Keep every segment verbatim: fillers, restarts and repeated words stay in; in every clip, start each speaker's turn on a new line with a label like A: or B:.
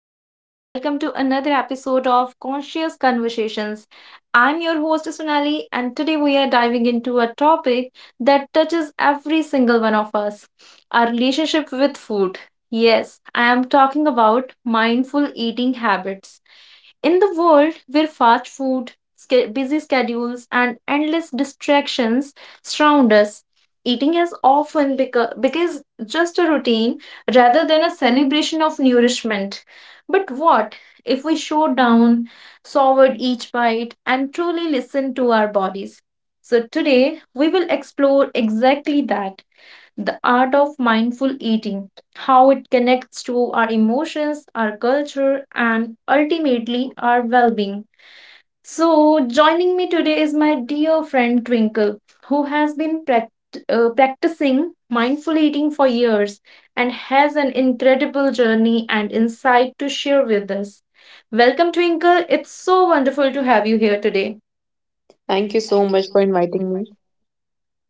A: souls. Welcome to another episode of Conscious Conversations. I'm your host, Sunali, and today we are diving into a topic that touches every single one of us: our relationship with food. Yes, I am talking about mindful eating habits. In the world where fast food, sca- busy schedules, and endless distractions surround us, eating has often beco- becomes just a routine rather than a celebration of nourishment. But what if we show down, savored each bite, and truly listen to our bodies? So today we will explore exactly that: the art of mindful eating, how it connects to our emotions, our culture, and ultimately our well being. So, joining me today is my dear friend Twinkle, who has been prac- uh, practicing mindful eating for years and has an incredible journey and insight to share with us. Welcome, Twinkle. It's so wonderful to have you here today.
B: Thank you so much for inviting me.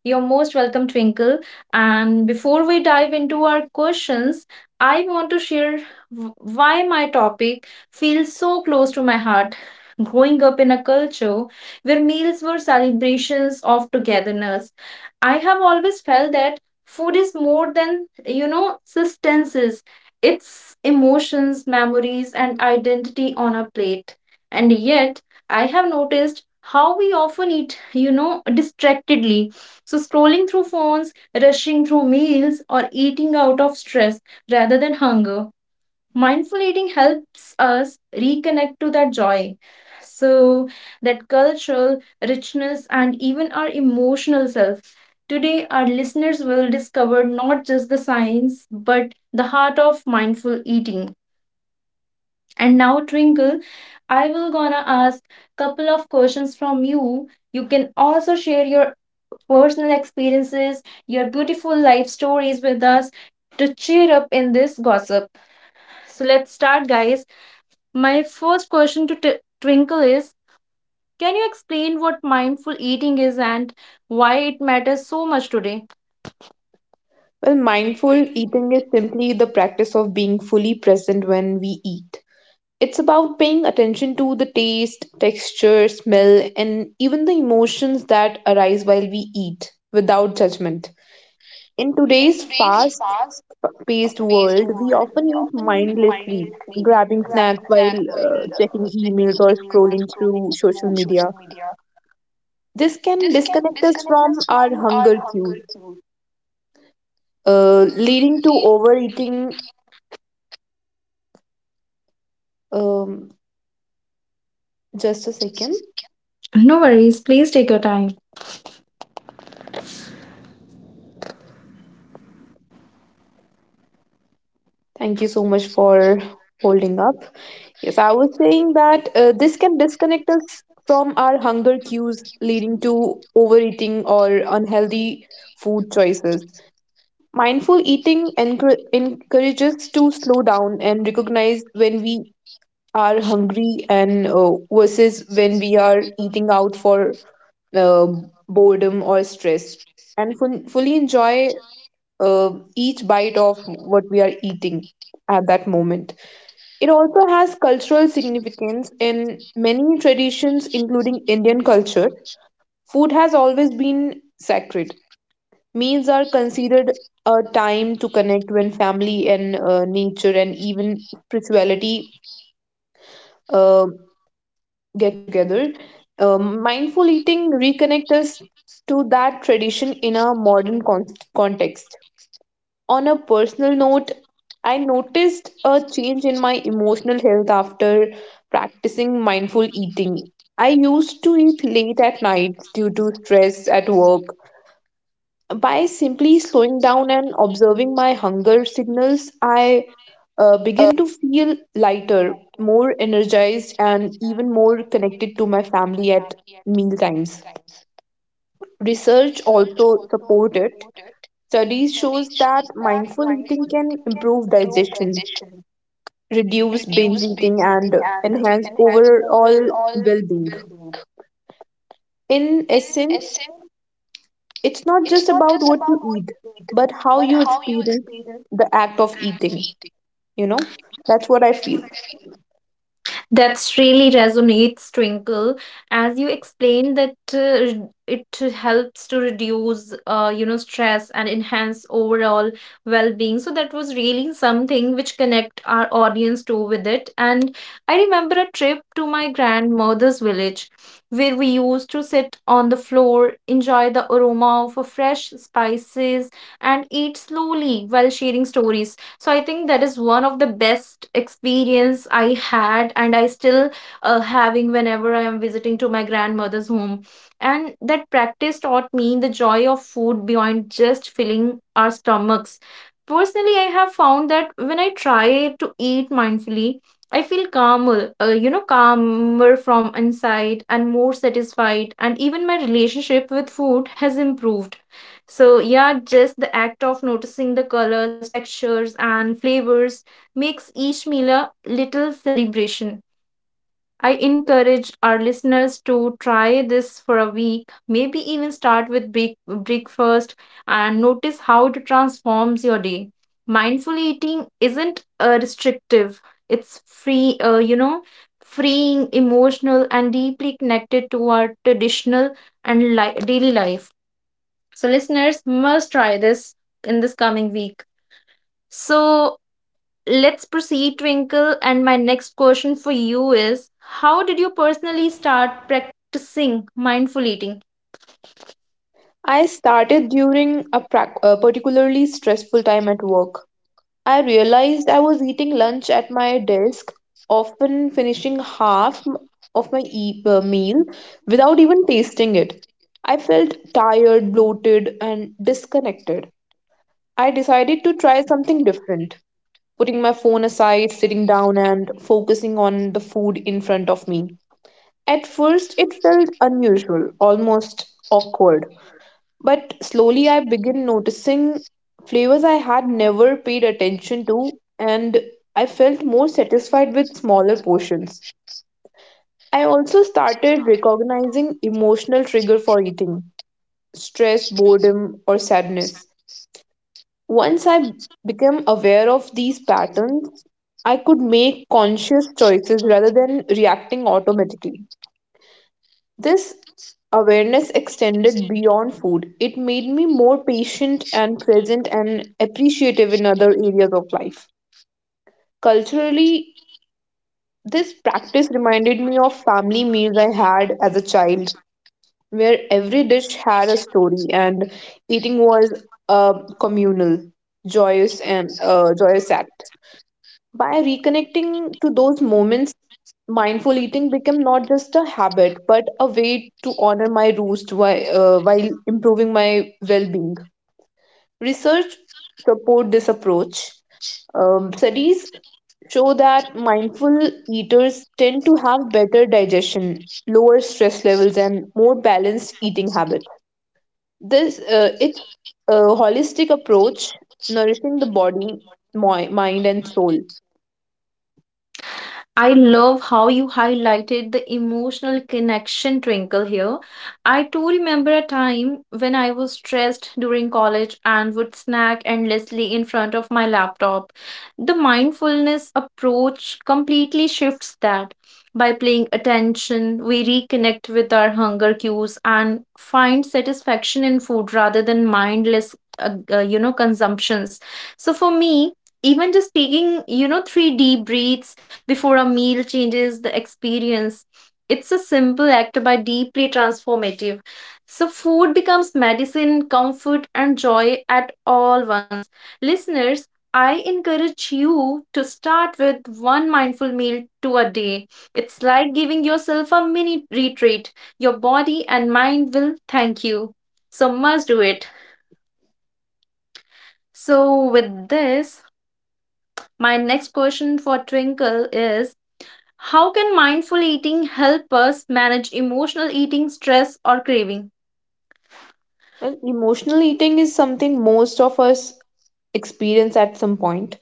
A: You're most welcome, Twinkle. And before we dive into our questions, I want to share w- why my topic feels so close to my heart. Growing up in a culture where meals were celebrations of togetherness, I have always felt that food is more than, you know, substances. It's emotions, memories, and identity on a plate. And yet, I have noticed how we often eat, you know, distractedly, so, scrolling through phones, rushing through meals, or eating out of stress rather than hunger. Mindful eating helps us reconnect to that joy, so, that cultural richness and even our emotional self. Today, our listeners will discover not just the science, but the heart of mindful eating. And now, Twinkle, I will gonna ask couple of questions from you. You can also share your personal experiences, your beautiful life stories with us to cheer up in this gossip. So let's start, guys. My first question to t- Twinkle is: Can you explain what mindful eating is and why it matters so much today?
B: Well, mindful eating is simply the practice of being fully present when we eat. It's about paying attention to the taste, texture, smell, and even the emotions that arise while we eat without judgment. In today's fast paced world, we often eat mindlessly, grabbing snacks while uh, checking emails or scrolling through social media. This can disconnect us from our hunger cues uh, leading to overeating. Um, just a second.
A: No worries, please take your time.
B: Thank you so much for holding up. Yes, I was saying that uh, this can disconnect us from our hunger cues, leading to overeating or unhealthy food choices. Mindful eating encour- encourages to slow down and recognize when we are hungry and uh, versus when we are eating out for uh, boredom or stress and fun- fully enjoy uh, each bite of what we are eating at that moment. It also has cultural significance in many traditions, including Indian culture. Food has always been sacred. Meals are considered a time to connect when family and uh, nature and even spirituality uh, get together. Um, mindful eating reconnect us to that tradition in a modern con- context. On a personal note, I noticed a change in my emotional health after practicing mindful eating. I used to eat late at night due to stress at work by simply slowing down and observing my hunger signals, I uh, begin to feel lighter, more energized, and even more connected to my family at meal times. Research also support it. Studies shows that mindful eating can improve digestion, reduce binge eating, and enhance overall well-being. In essence, it's not just about what you eat, but how you experience the act of eating. you know that's what I feel.
A: That's really resonates, Twinkle. As you explained that uh, it helps to reduce, uh, you know, stress and enhance overall well-being. So that was really something which connect our audience to with it. And I remember a trip to my grandmother's village where we used to sit on the floor, enjoy the aroma of a fresh spices, and eat slowly while sharing stories. So I think that is one of the best experience I had, and I still uh, having whenever I am visiting to my grandmother's home. And that practice taught me the joy of food beyond just filling our stomachs. Personally, I have found that when I try to eat mindfully, I feel calmer, uh, you know, calmer from inside and more satisfied. And even my relationship with food has improved. So, yeah, just the act of noticing the colors, textures, and flavors makes each meal a little celebration. I encourage our listeners to try this for a week, maybe even start with break- breakfast, and notice how it transforms your day. Mindful eating isn't uh, restrictive, it's free, uh, you know, freeing, emotional, and deeply connected to our traditional and li- daily life. So, listeners must try this in this coming week. So, let's proceed, Twinkle. And my next question for you is: How did you personally start practicing mindful eating?
B: I started during a, prac- a particularly stressful time at work. I realized I was eating lunch at my desk, often finishing half m- of my e- uh, meal without even tasting it. I felt tired, bloated, and disconnected. I decided to try something different, putting my phone aside, sitting down, and focusing on the food in front of me. At first, it felt unusual, almost awkward. But slowly I began noticing flavors I had never paid attention to, and I felt more satisfied with smaller portions. I also started recognizing emotional trigger for eating: stress, boredom, or sadness. Once I became aware of these patterns, I could make conscious choices rather than reacting automatically. This awareness extended beyond food. It made me more patient and present and appreciative in other areas of life. Culturally, this practice reminded me of family meals I had as a child, where every dish had a story and eating was a communal, joyous and uh, joyous act. By reconnecting to those moments, mindful eating became not just a habit, but a way to honor my roots while, uh, while improving my well being. Research support this approach. Um, studies show that mindful eaters tend to have better digestion, lower stress levels, and more balanced eating habits. This uh, it's a holistic approach, nourishing the body, moi- mind, and soul.
A: I love how you highlighted the emotional connection, Twinkle, here. I too remember a time when I was stressed during college and would snack endlessly in front of my laptop. The mindfulness approach completely shifts that. By paying attention, we reconnect with our hunger cues and find satisfaction in food rather than mindless, uh, uh, you know, consumptions. So for me, even just taking, you know, three deep breaths before a meal changes the experience. It's a simple act but deeply transformative. So, food becomes medicine, comfort, and joy at all once. Listeners, I encourage you to start with one mindful meal to a day. It's like giving yourself a mini retreat. Your body and mind will thank you. So, must do it. So, with this, my next question for Twinkle is: How can mindful eating help us manage emotional eating, stress, or craving?
B: Well, emotional eating is something most of us experience at some point.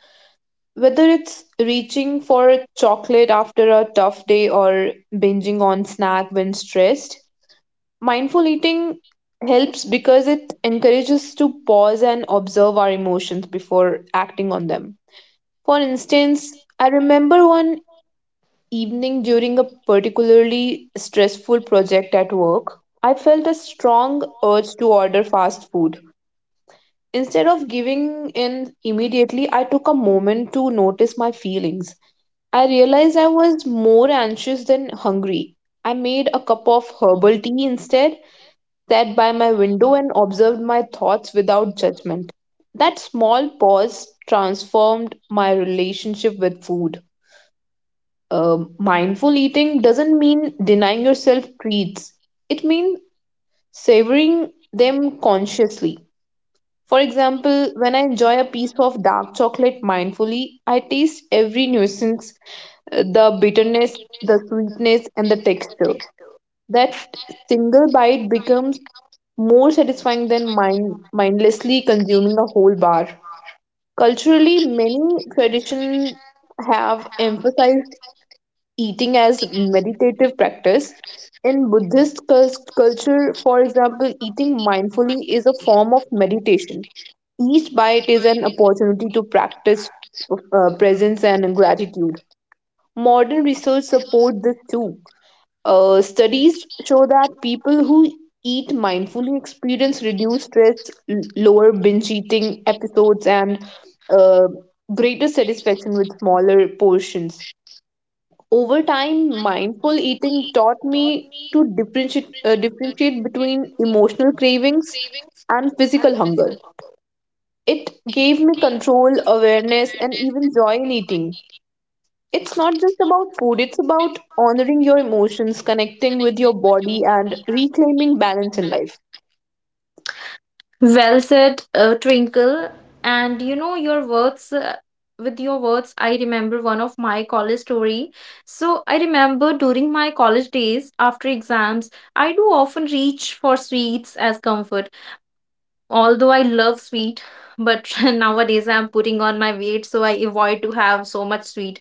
B: Whether it's reaching for chocolate after a tough day or binging on snack when stressed, mindful eating helps because it encourages us to pause and observe our emotions before acting on them. For instance, I remember one evening during a particularly stressful project at work, I felt a strong urge to order fast food. Instead of giving in immediately, I took a moment to notice my feelings. I realized I was more anxious than hungry. I made a cup of herbal tea instead, sat by my window, and observed my thoughts without judgment. That small pause transformed my relationship with food. Um, mindful eating doesn't mean denying yourself treats, it means savoring them consciously. For example, when I enjoy a piece of dark chocolate mindfully, I taste every nuisance, uh, the bitterness, the sweetness, and the texture. That single bite becomes more satisfying than mind, mindlessly consuming a whole bar. Culturally, many traditions have emphasized eating as meditative practice. In Buddhist cul- culture, for example, eating mindfully is a form of meditation. Each bite is an opportunity to practice uh, presence and gratitude. Modern research support this too. Uh, studies show that people who eat mindfully experience reduced stress, l- lower binge eating episodes, and uh, greater satisfaction with smaller portions. Over time, mindful eating taught me to differentiate, uh, differentiate between emotional cravings and physical hunger. It gave me control, awareness, and even joy in eating. It's not just about food, it's about honoring your emotions, connecting with your body, and reclaiming balance in life.
A: Well said, uh, Twinkle. And you know your words. Uh, with your words, I remember one of my college story. So I remember during my college days, after exams, I do often reach for sweets as comfort. Although I love sweet, but nowadays I'm putting on my weight, so I avoid to have so much sweet.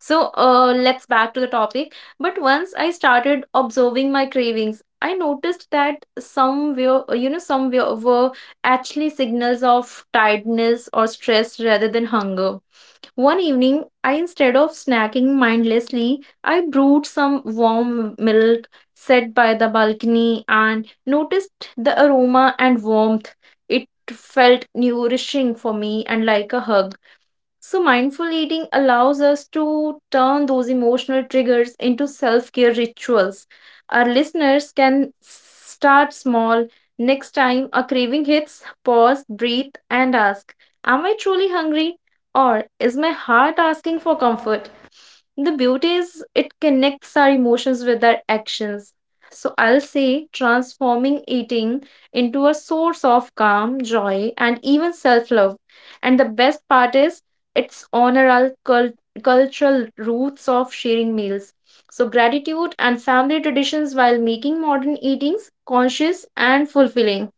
A: So uh, let's back to the topic. But once I started observing my cravings, I noticed that somewhere, uh, you know, somewhere were actually signals of tiredness or stress rather than hunger. One evening, I instead of snacking mindlessly, I brewed some warm milk, sat by the balcony, and noticed the aroma and warmth. It felt nourishing for me and like a hug. So, mindful eating allows us to turn those emotional triggers into self care rituals. Our listeners can start small. Next time a craving hits, pause, breathe, and ask: Am I truly hungry? Or is my heart asking for comfort? The beauty is it connects our emotions with our actions. So I'll say transforming eating into a source of calm, joy, and even self love. And the best part is it's honor our cul- cultural roots of sharing meals, so gratitude and family traditions, while making modern eatings conscious and fulfilling.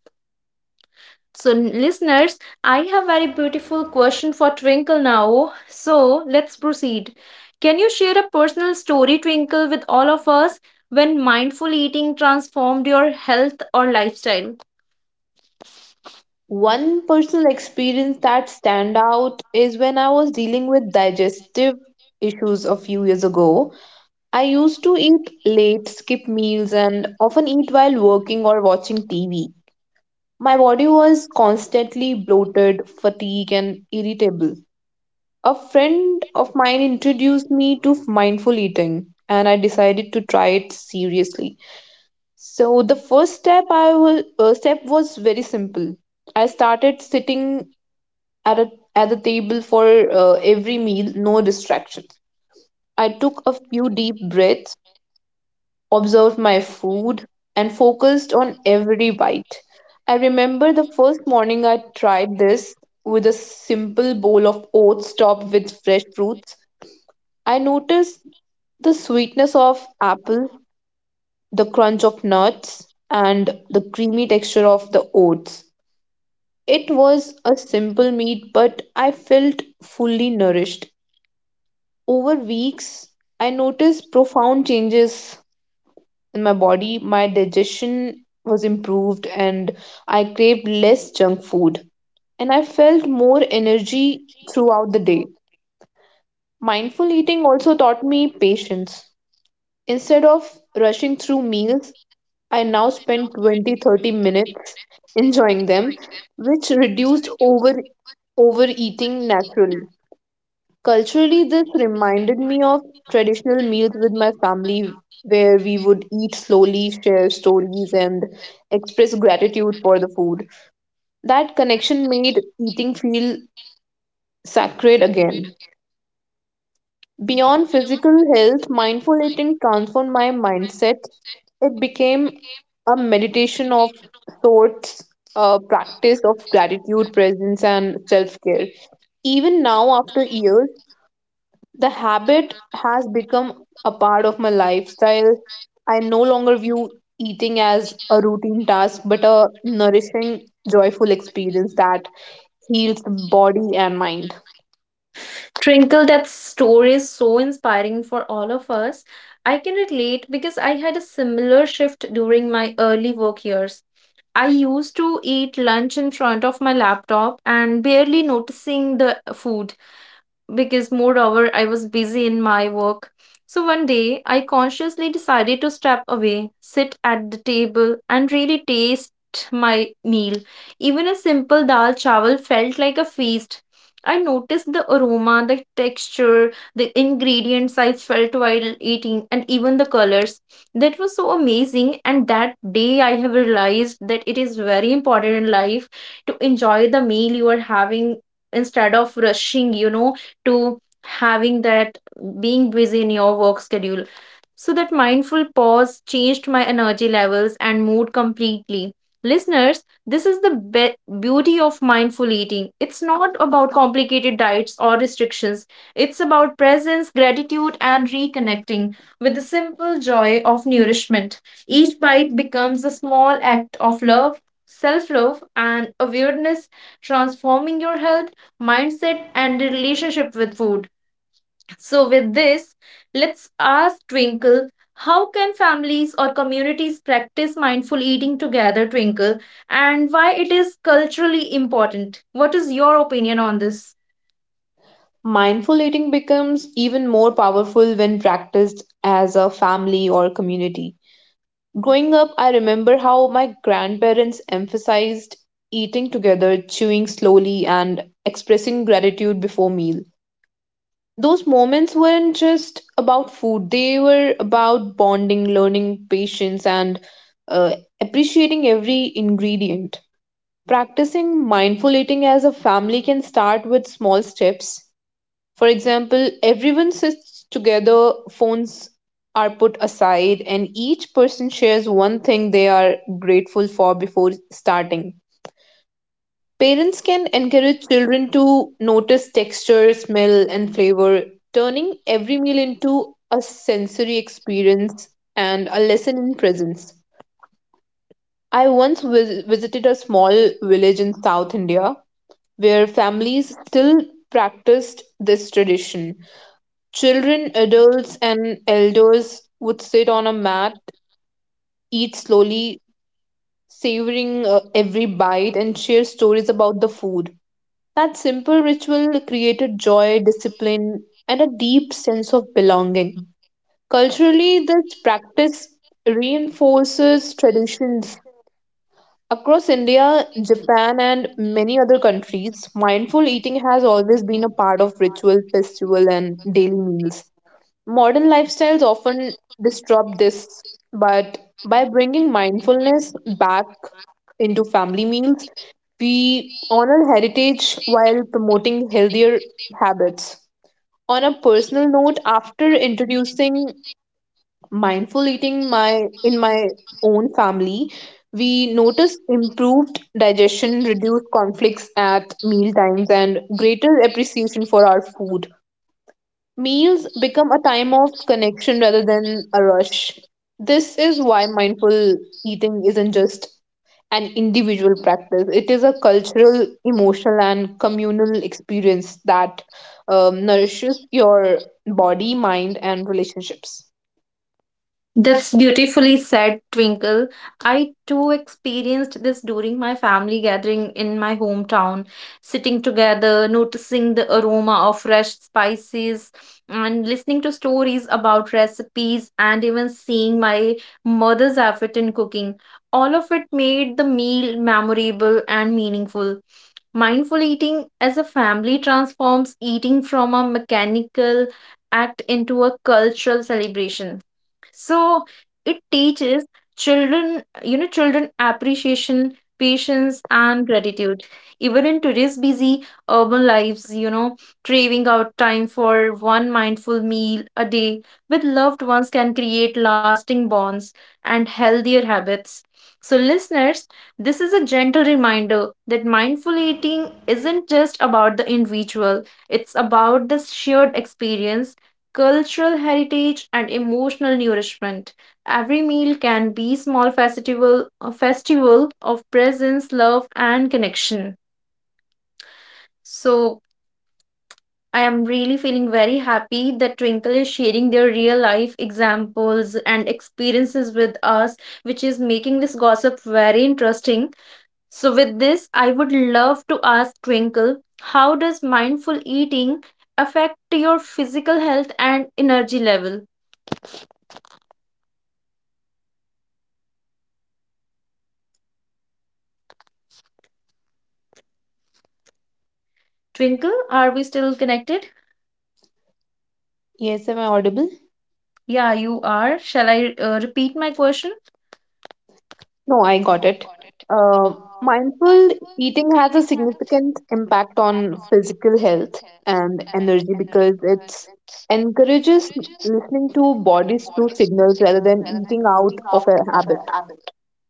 A: So, n- listeners, I have very beautiful question for Twinkle now. So, let's proceed. Can you share a personal story, Twinkle, with all of us when mindful eating transformed your health or lifestyle?
B: One personal experience that stand out is when I was dealing with digestive issues a few years ago. I used to eat late, skip meals, and often eat while working or watching T V. My body was constantly bloated, fatigued, and irritable. A friend of mine introduced me to mindful eating, and I decided to try it seriously. So the first step I was uh, step was very simple. I started sitting at a at the table for uh, every meal, no distractions. I took a few deep breaths, observed my food, and focused on every bite. I remember the first morning I tried this with a simple bowl of oats topped with fresh fruits. I noticed the sweetness of apple, the crunch of nuts, and the creamy texture of the oats. It was a simple meal, but I felt fully nourished. Over weeks, I noticed profound changes in my body. My digestion was improved, and I craved less junk food, and I felt more energy throughout the day. Mindful eating also taught me patience. Instead of rushing through meals, I now spend twenty thirty minutes enjoying them, which reduced over overeating naturally. Culturally, this reminded me of traditional meals with my family, where we would eat slowly, share stories, and express gratitude for the food. That connection made eating feel sacred again. Beyond physical health, mindful eating transformed my mindset. It became a meditation of sorts, a practice of gratitude, presence, and self care. Even now, after years, the habit has become a part of my lifestyle. I no longer view eating as a routine task, but a nourishing, joyful experience that heals the body and mind.
A: Twinkle, that story is so inspiring for all of us. I can relate because I had a similar shift during my early work years. I used to eat lunch in front of my laptop and barely noticing the food because moreover I was busy in my work. So one day I consciously decided to step away, sit at the table, and really taste my meal. Even a simple dal chawal felt like a feast. I noticed the aroma, the texture, the ingredients I felt while eating, and even the colors. That was so amazing. And that day I have realized that it is very important in life to enjoy the meal you are having instead of rushing, you know, to having that, being busy in your work schedule. So, that mindful pause changed my energy levels and mood completely. Listeners, this is the be- beauty of mindful eating. It's not about complicated diets or restrictions, it's about presence, gratitude, and reconnecting with the simple joy of nourishment. Each bite becomes a small act of love, self love, and awareness, transforming your health, mindset, and the relationship with food. So, with this, let's ask Twinkle: how can families or communities practice mindful eating together, Twinkle, and why it is culturally important? What is your opinion on this?
B: Mindful eating becomes even more powerful when practiced as a family or community. Growing up, I remember how my grandparents emphasized eating together, chewing slowly, and expressing gratitude before meal. Those moments weren't just about food, they were about bonding, learning patience, and uh, appreciating every ingredient. Practicing mindful eating as a family can start with small steps. For example, everyone sits together, phones are put aside, and each person shares one thing they are grateful for before starting. Parents can encourage children to notice texture, smell, and flavor, turning every meal into a sensory experience and a lesson in presence. I once vis- visited a small village in South India where families still practiced this tradition. Children, adults, and elders would sit on a mat, eat slowly, savoring uh, every bite, and share stories about the food. That simple ritual created joy, discipline, and a deep sense of belonging. Culturally, this practice reinforces traditions. Across India, Japan, and many other countries, mindful eating has always been a part of ritual, festival, and daily meals. Modern lifestyles often disrupt this, but by bringing mindfulness back into family meals, we honor heritage while promoting healthier habits. On a personal note, after introducing mindful eating my in my own family, we noticed improved digestion, reduced conflicts at meal times, and greater appreciation for our food. Meals become a time of connection rather than a rush. This is why mindful eating isn't just an individual practice, it is a cultural, emotional, and communal experience that um, nourishes your body, mind, and relationships.
A: That's beautifully said, Twinkle. I too experienced this during my family gathering in my hometown, sitting together, noticing the aroma of fresh spices, and listening to stories about recipes, and even seeing my mother's effort in cooking. All of it made the meal memorable and meaningful. Mindful eating as a family transforms eating from a mechanical act into a cultural celebration. So it teaches children, you know, children appreciation, patience, and gratitude. Even in today's busy urban lives, you know, craving out time for one mindful meal a day with loved ones can create lasting bonds and healthier habits. So, listeners, this is a gentle reminder that mindful eating isn't just about the individual, it's about the shared experience, cultural heritage, and emotional nourishment. Every meal can be small festival, a festival of presence, love, and connection. So, I am really feeling very happy that Twinkle is sharing their real life examples and experiences with us, which is making this gossip very interesting. So, with this, I would love to ask Twinkle: how does mindful eating affect your physical health and energy level? Twinkle, are we still connected?
B: Yes, am I audible?
A: Yeah, you are. Shall I uh, repeat my question?
B: No, I got it. Uh, mindful eating has a significant impact on physical health and energy because it encourages listening to body's true signals rather than eating out of a habit.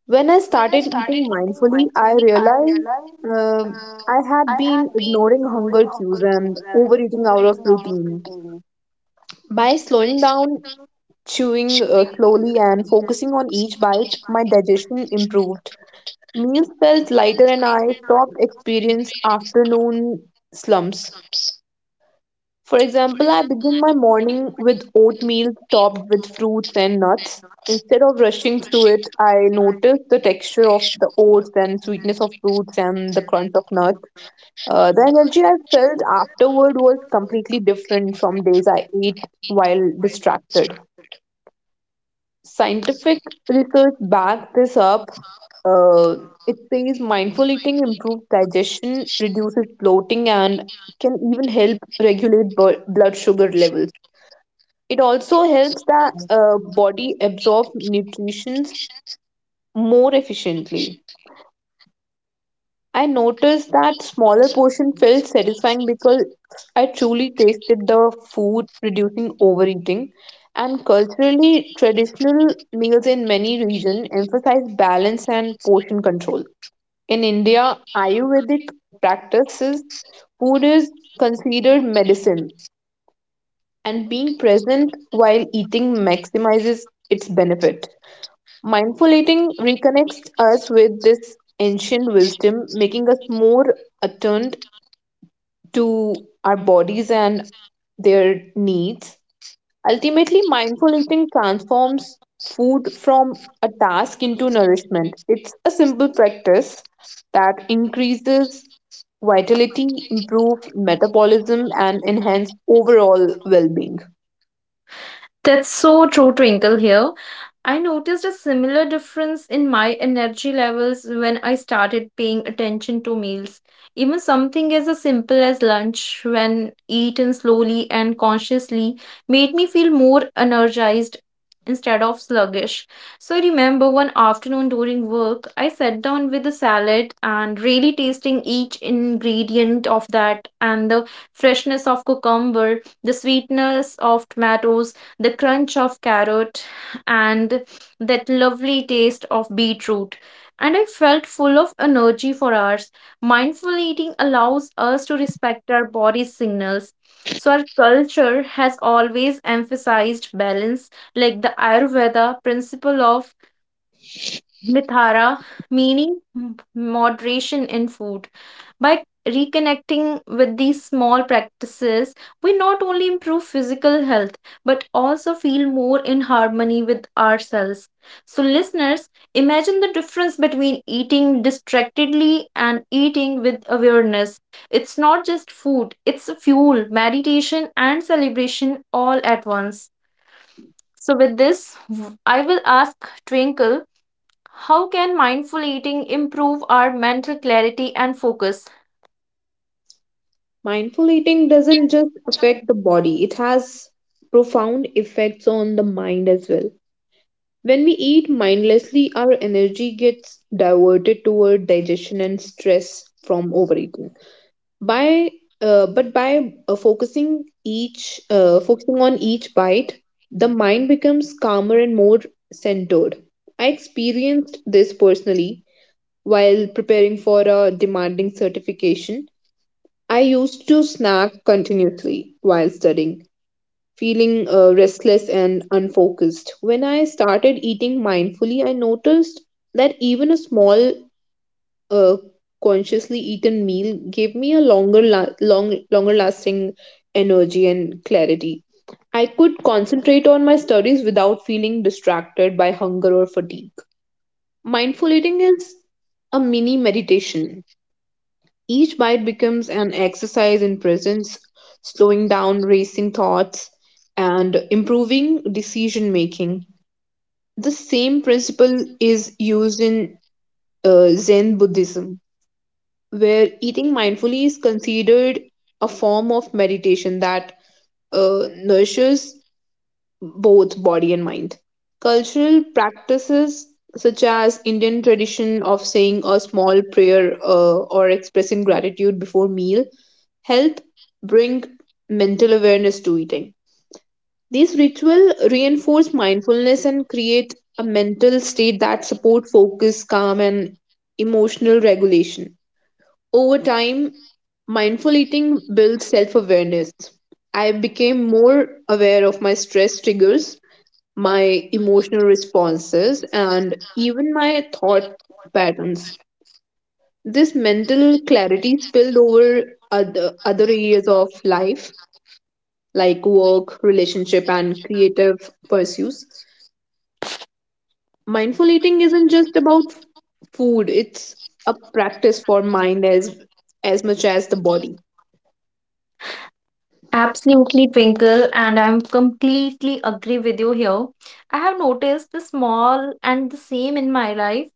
B: When I started eating mindfully, I realized um, I had been ignoring hunger cues and overeating out of routine. By slowing down, chewing uh, slowly, and focusing on each bite, my digestion improved. Meals felt lighter and I stopped experience afternoon slumps. For example, I begin my morning with oatmeal topped with fruits and nuts. Instead of rushing through it, I notice the texture of the oats and sweetness of fruits and the crunch of nuts. Uh, the energy I felt afterward was completely different from days I ate while distracted. Scientific research backs this up. Uh, it says mindful eating improves digestion, reduces bloating, and can even help regulate bu- blood sugar levels. It also helps the uh, body absorb nutrition more efficiently. I noticed that smaller portion felt satisfying because I truly tasted the food, reducing overeating. And culturally, traditional meals in many regions emphasize balance and portion control. In India, Ayurvedic practices, food is considered medicine, and being present while eating maximizes its benefit. Mindful eating reconnects us with this ancient wisdom, making us more attuned to our bodies and their needs. Ultimately, mindful eating transforms food from a task into nourishment. It's a simple practice that increases vitality, improves metabolism, and enhance overall well being.
A: That's so true, Twinkle, here. I noticed a similar difference in my energy levels when I started paying attention to meals. Even something as a simple as lunch, when eaten slowly and consciously, made me feel more energized instead of sluggish. So I remember one afternoon during work, I sat down with a salad and really tasting each ingredient of that, and the freshness of cucumber, the sweetness of tomatoes, the crunch of carrot, and that lovely taste of beetroot. And I felt full of energy for hours. Mindful eating allows us to respect our body's signals. So, our culture has always emphasized balance, like the Ayurveda principle of mithara, meaning m- moderation in food. By reconnecting with these small practices, we not only improve physical health but also feel more in harmony with ourselves. So, listeners, imagine the difference between eating distractedly and eating with awareness. It's not just food, it's fuel, meditation, and celebration all at once. So, with this, w- I will ask Twinkle: how can mindful eating improve our mental clarity and focus?
B: Mindful eating doesn't just affect the body, it has profound effects on the mind as well. When we eat mindlessly, our energy gets diverted toward digestion and stress from overeating. By uh, but by uh, focusing each uh, focusing on each bite, the mind becomes calmer and more centered. I experienced this personally while preparing for a demanding certification. I used to snack continuously while studying, feeling uh, restless and unfocused. When I started eating mindfully, I noticed that even a small a consciously eaten meal gave me a longer la- long longer lasting energy and clarity. I could concentrate on my studies without feeling distracted by hunger or fatigue. Mindful eating is a mini meditation. Each bite becomes an exercise in presence, slowing down racing thoughts and improving decision making. The same principle is used in uh, Zen Buddhism where eating mindfully is considered a form of meditation that uh, nourishes both body and mind. Cultural practices such as Indian tradition of saying a small prayer uh, or expressing gratitude before meal help bring mental awareness to eating. These rituals reinforce mindfulness and create a mental state that support focus, calm, and emotional regulation. Over time, mindful eating builds self awareness. I became more aware of my stress triggers, my emotional responses, and even my thought patterns. This mental clarity spilled over other, other areas of life like work, relationship, and creative pursuits. Mindful eating isn't just about food, it's a practice for mind as, as much as the body.
A: Absolutely, Twinkle, and I'm completely agree with you here. I have noticed the small and the same in my life.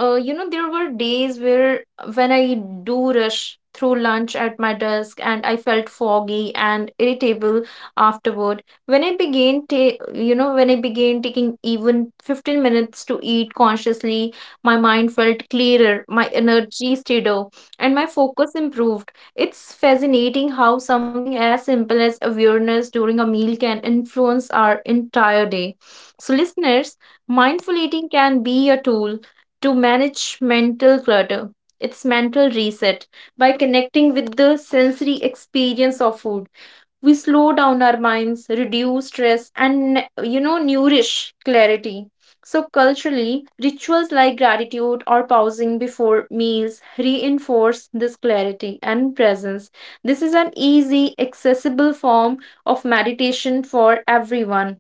A: Uh, you know, there were days where when I do rush through lunch at my desk and I felt foggy and irritable afterward. When I began, ta- you know, when I began taking even fifteen minutes to eat consciously, my mind felt clearer, my energy stayed up, and my focus improved. It's fascinating how something as simple as awareness during a meal can influence our entire day. So, listeners, mindful eating can be a tool to manage mental clutter. It's mental reset. By connecting with the sensory experience of food, we slow down our minds, reduce stress, and you know nourish clarity. So, culturally, rituals like gratitude or pausing before meals reinforce this clarity and presence. This is an easy accessible form of meditation for everyone.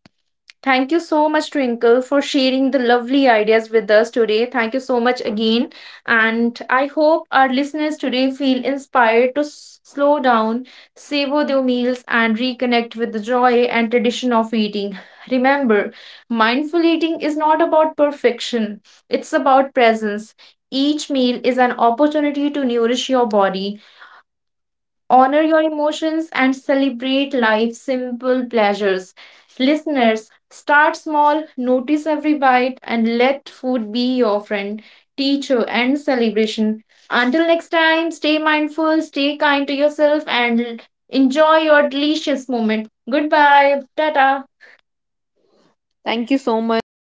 A: Thank you so much, Twinkle, for sharing the lovely ideas with us today. Thank you so much again. And I hope our listeners today feel inspired to s- slow down, savor their meals, and reconnect with the joy and tradition of eating. Remember, mindful eating is not about perfection, it's about presence. Each meal is an opportunity to nourish your body, honor your emotions, and celebrate life's simple pleasures. Listeners, start small, notice every bite, and let food be your friend, teacher, and celebration. Until next time, stay mindful, stay kind to yourself, and enjoy your delicious moment. Goodbye. Tata.
B: Thank you so much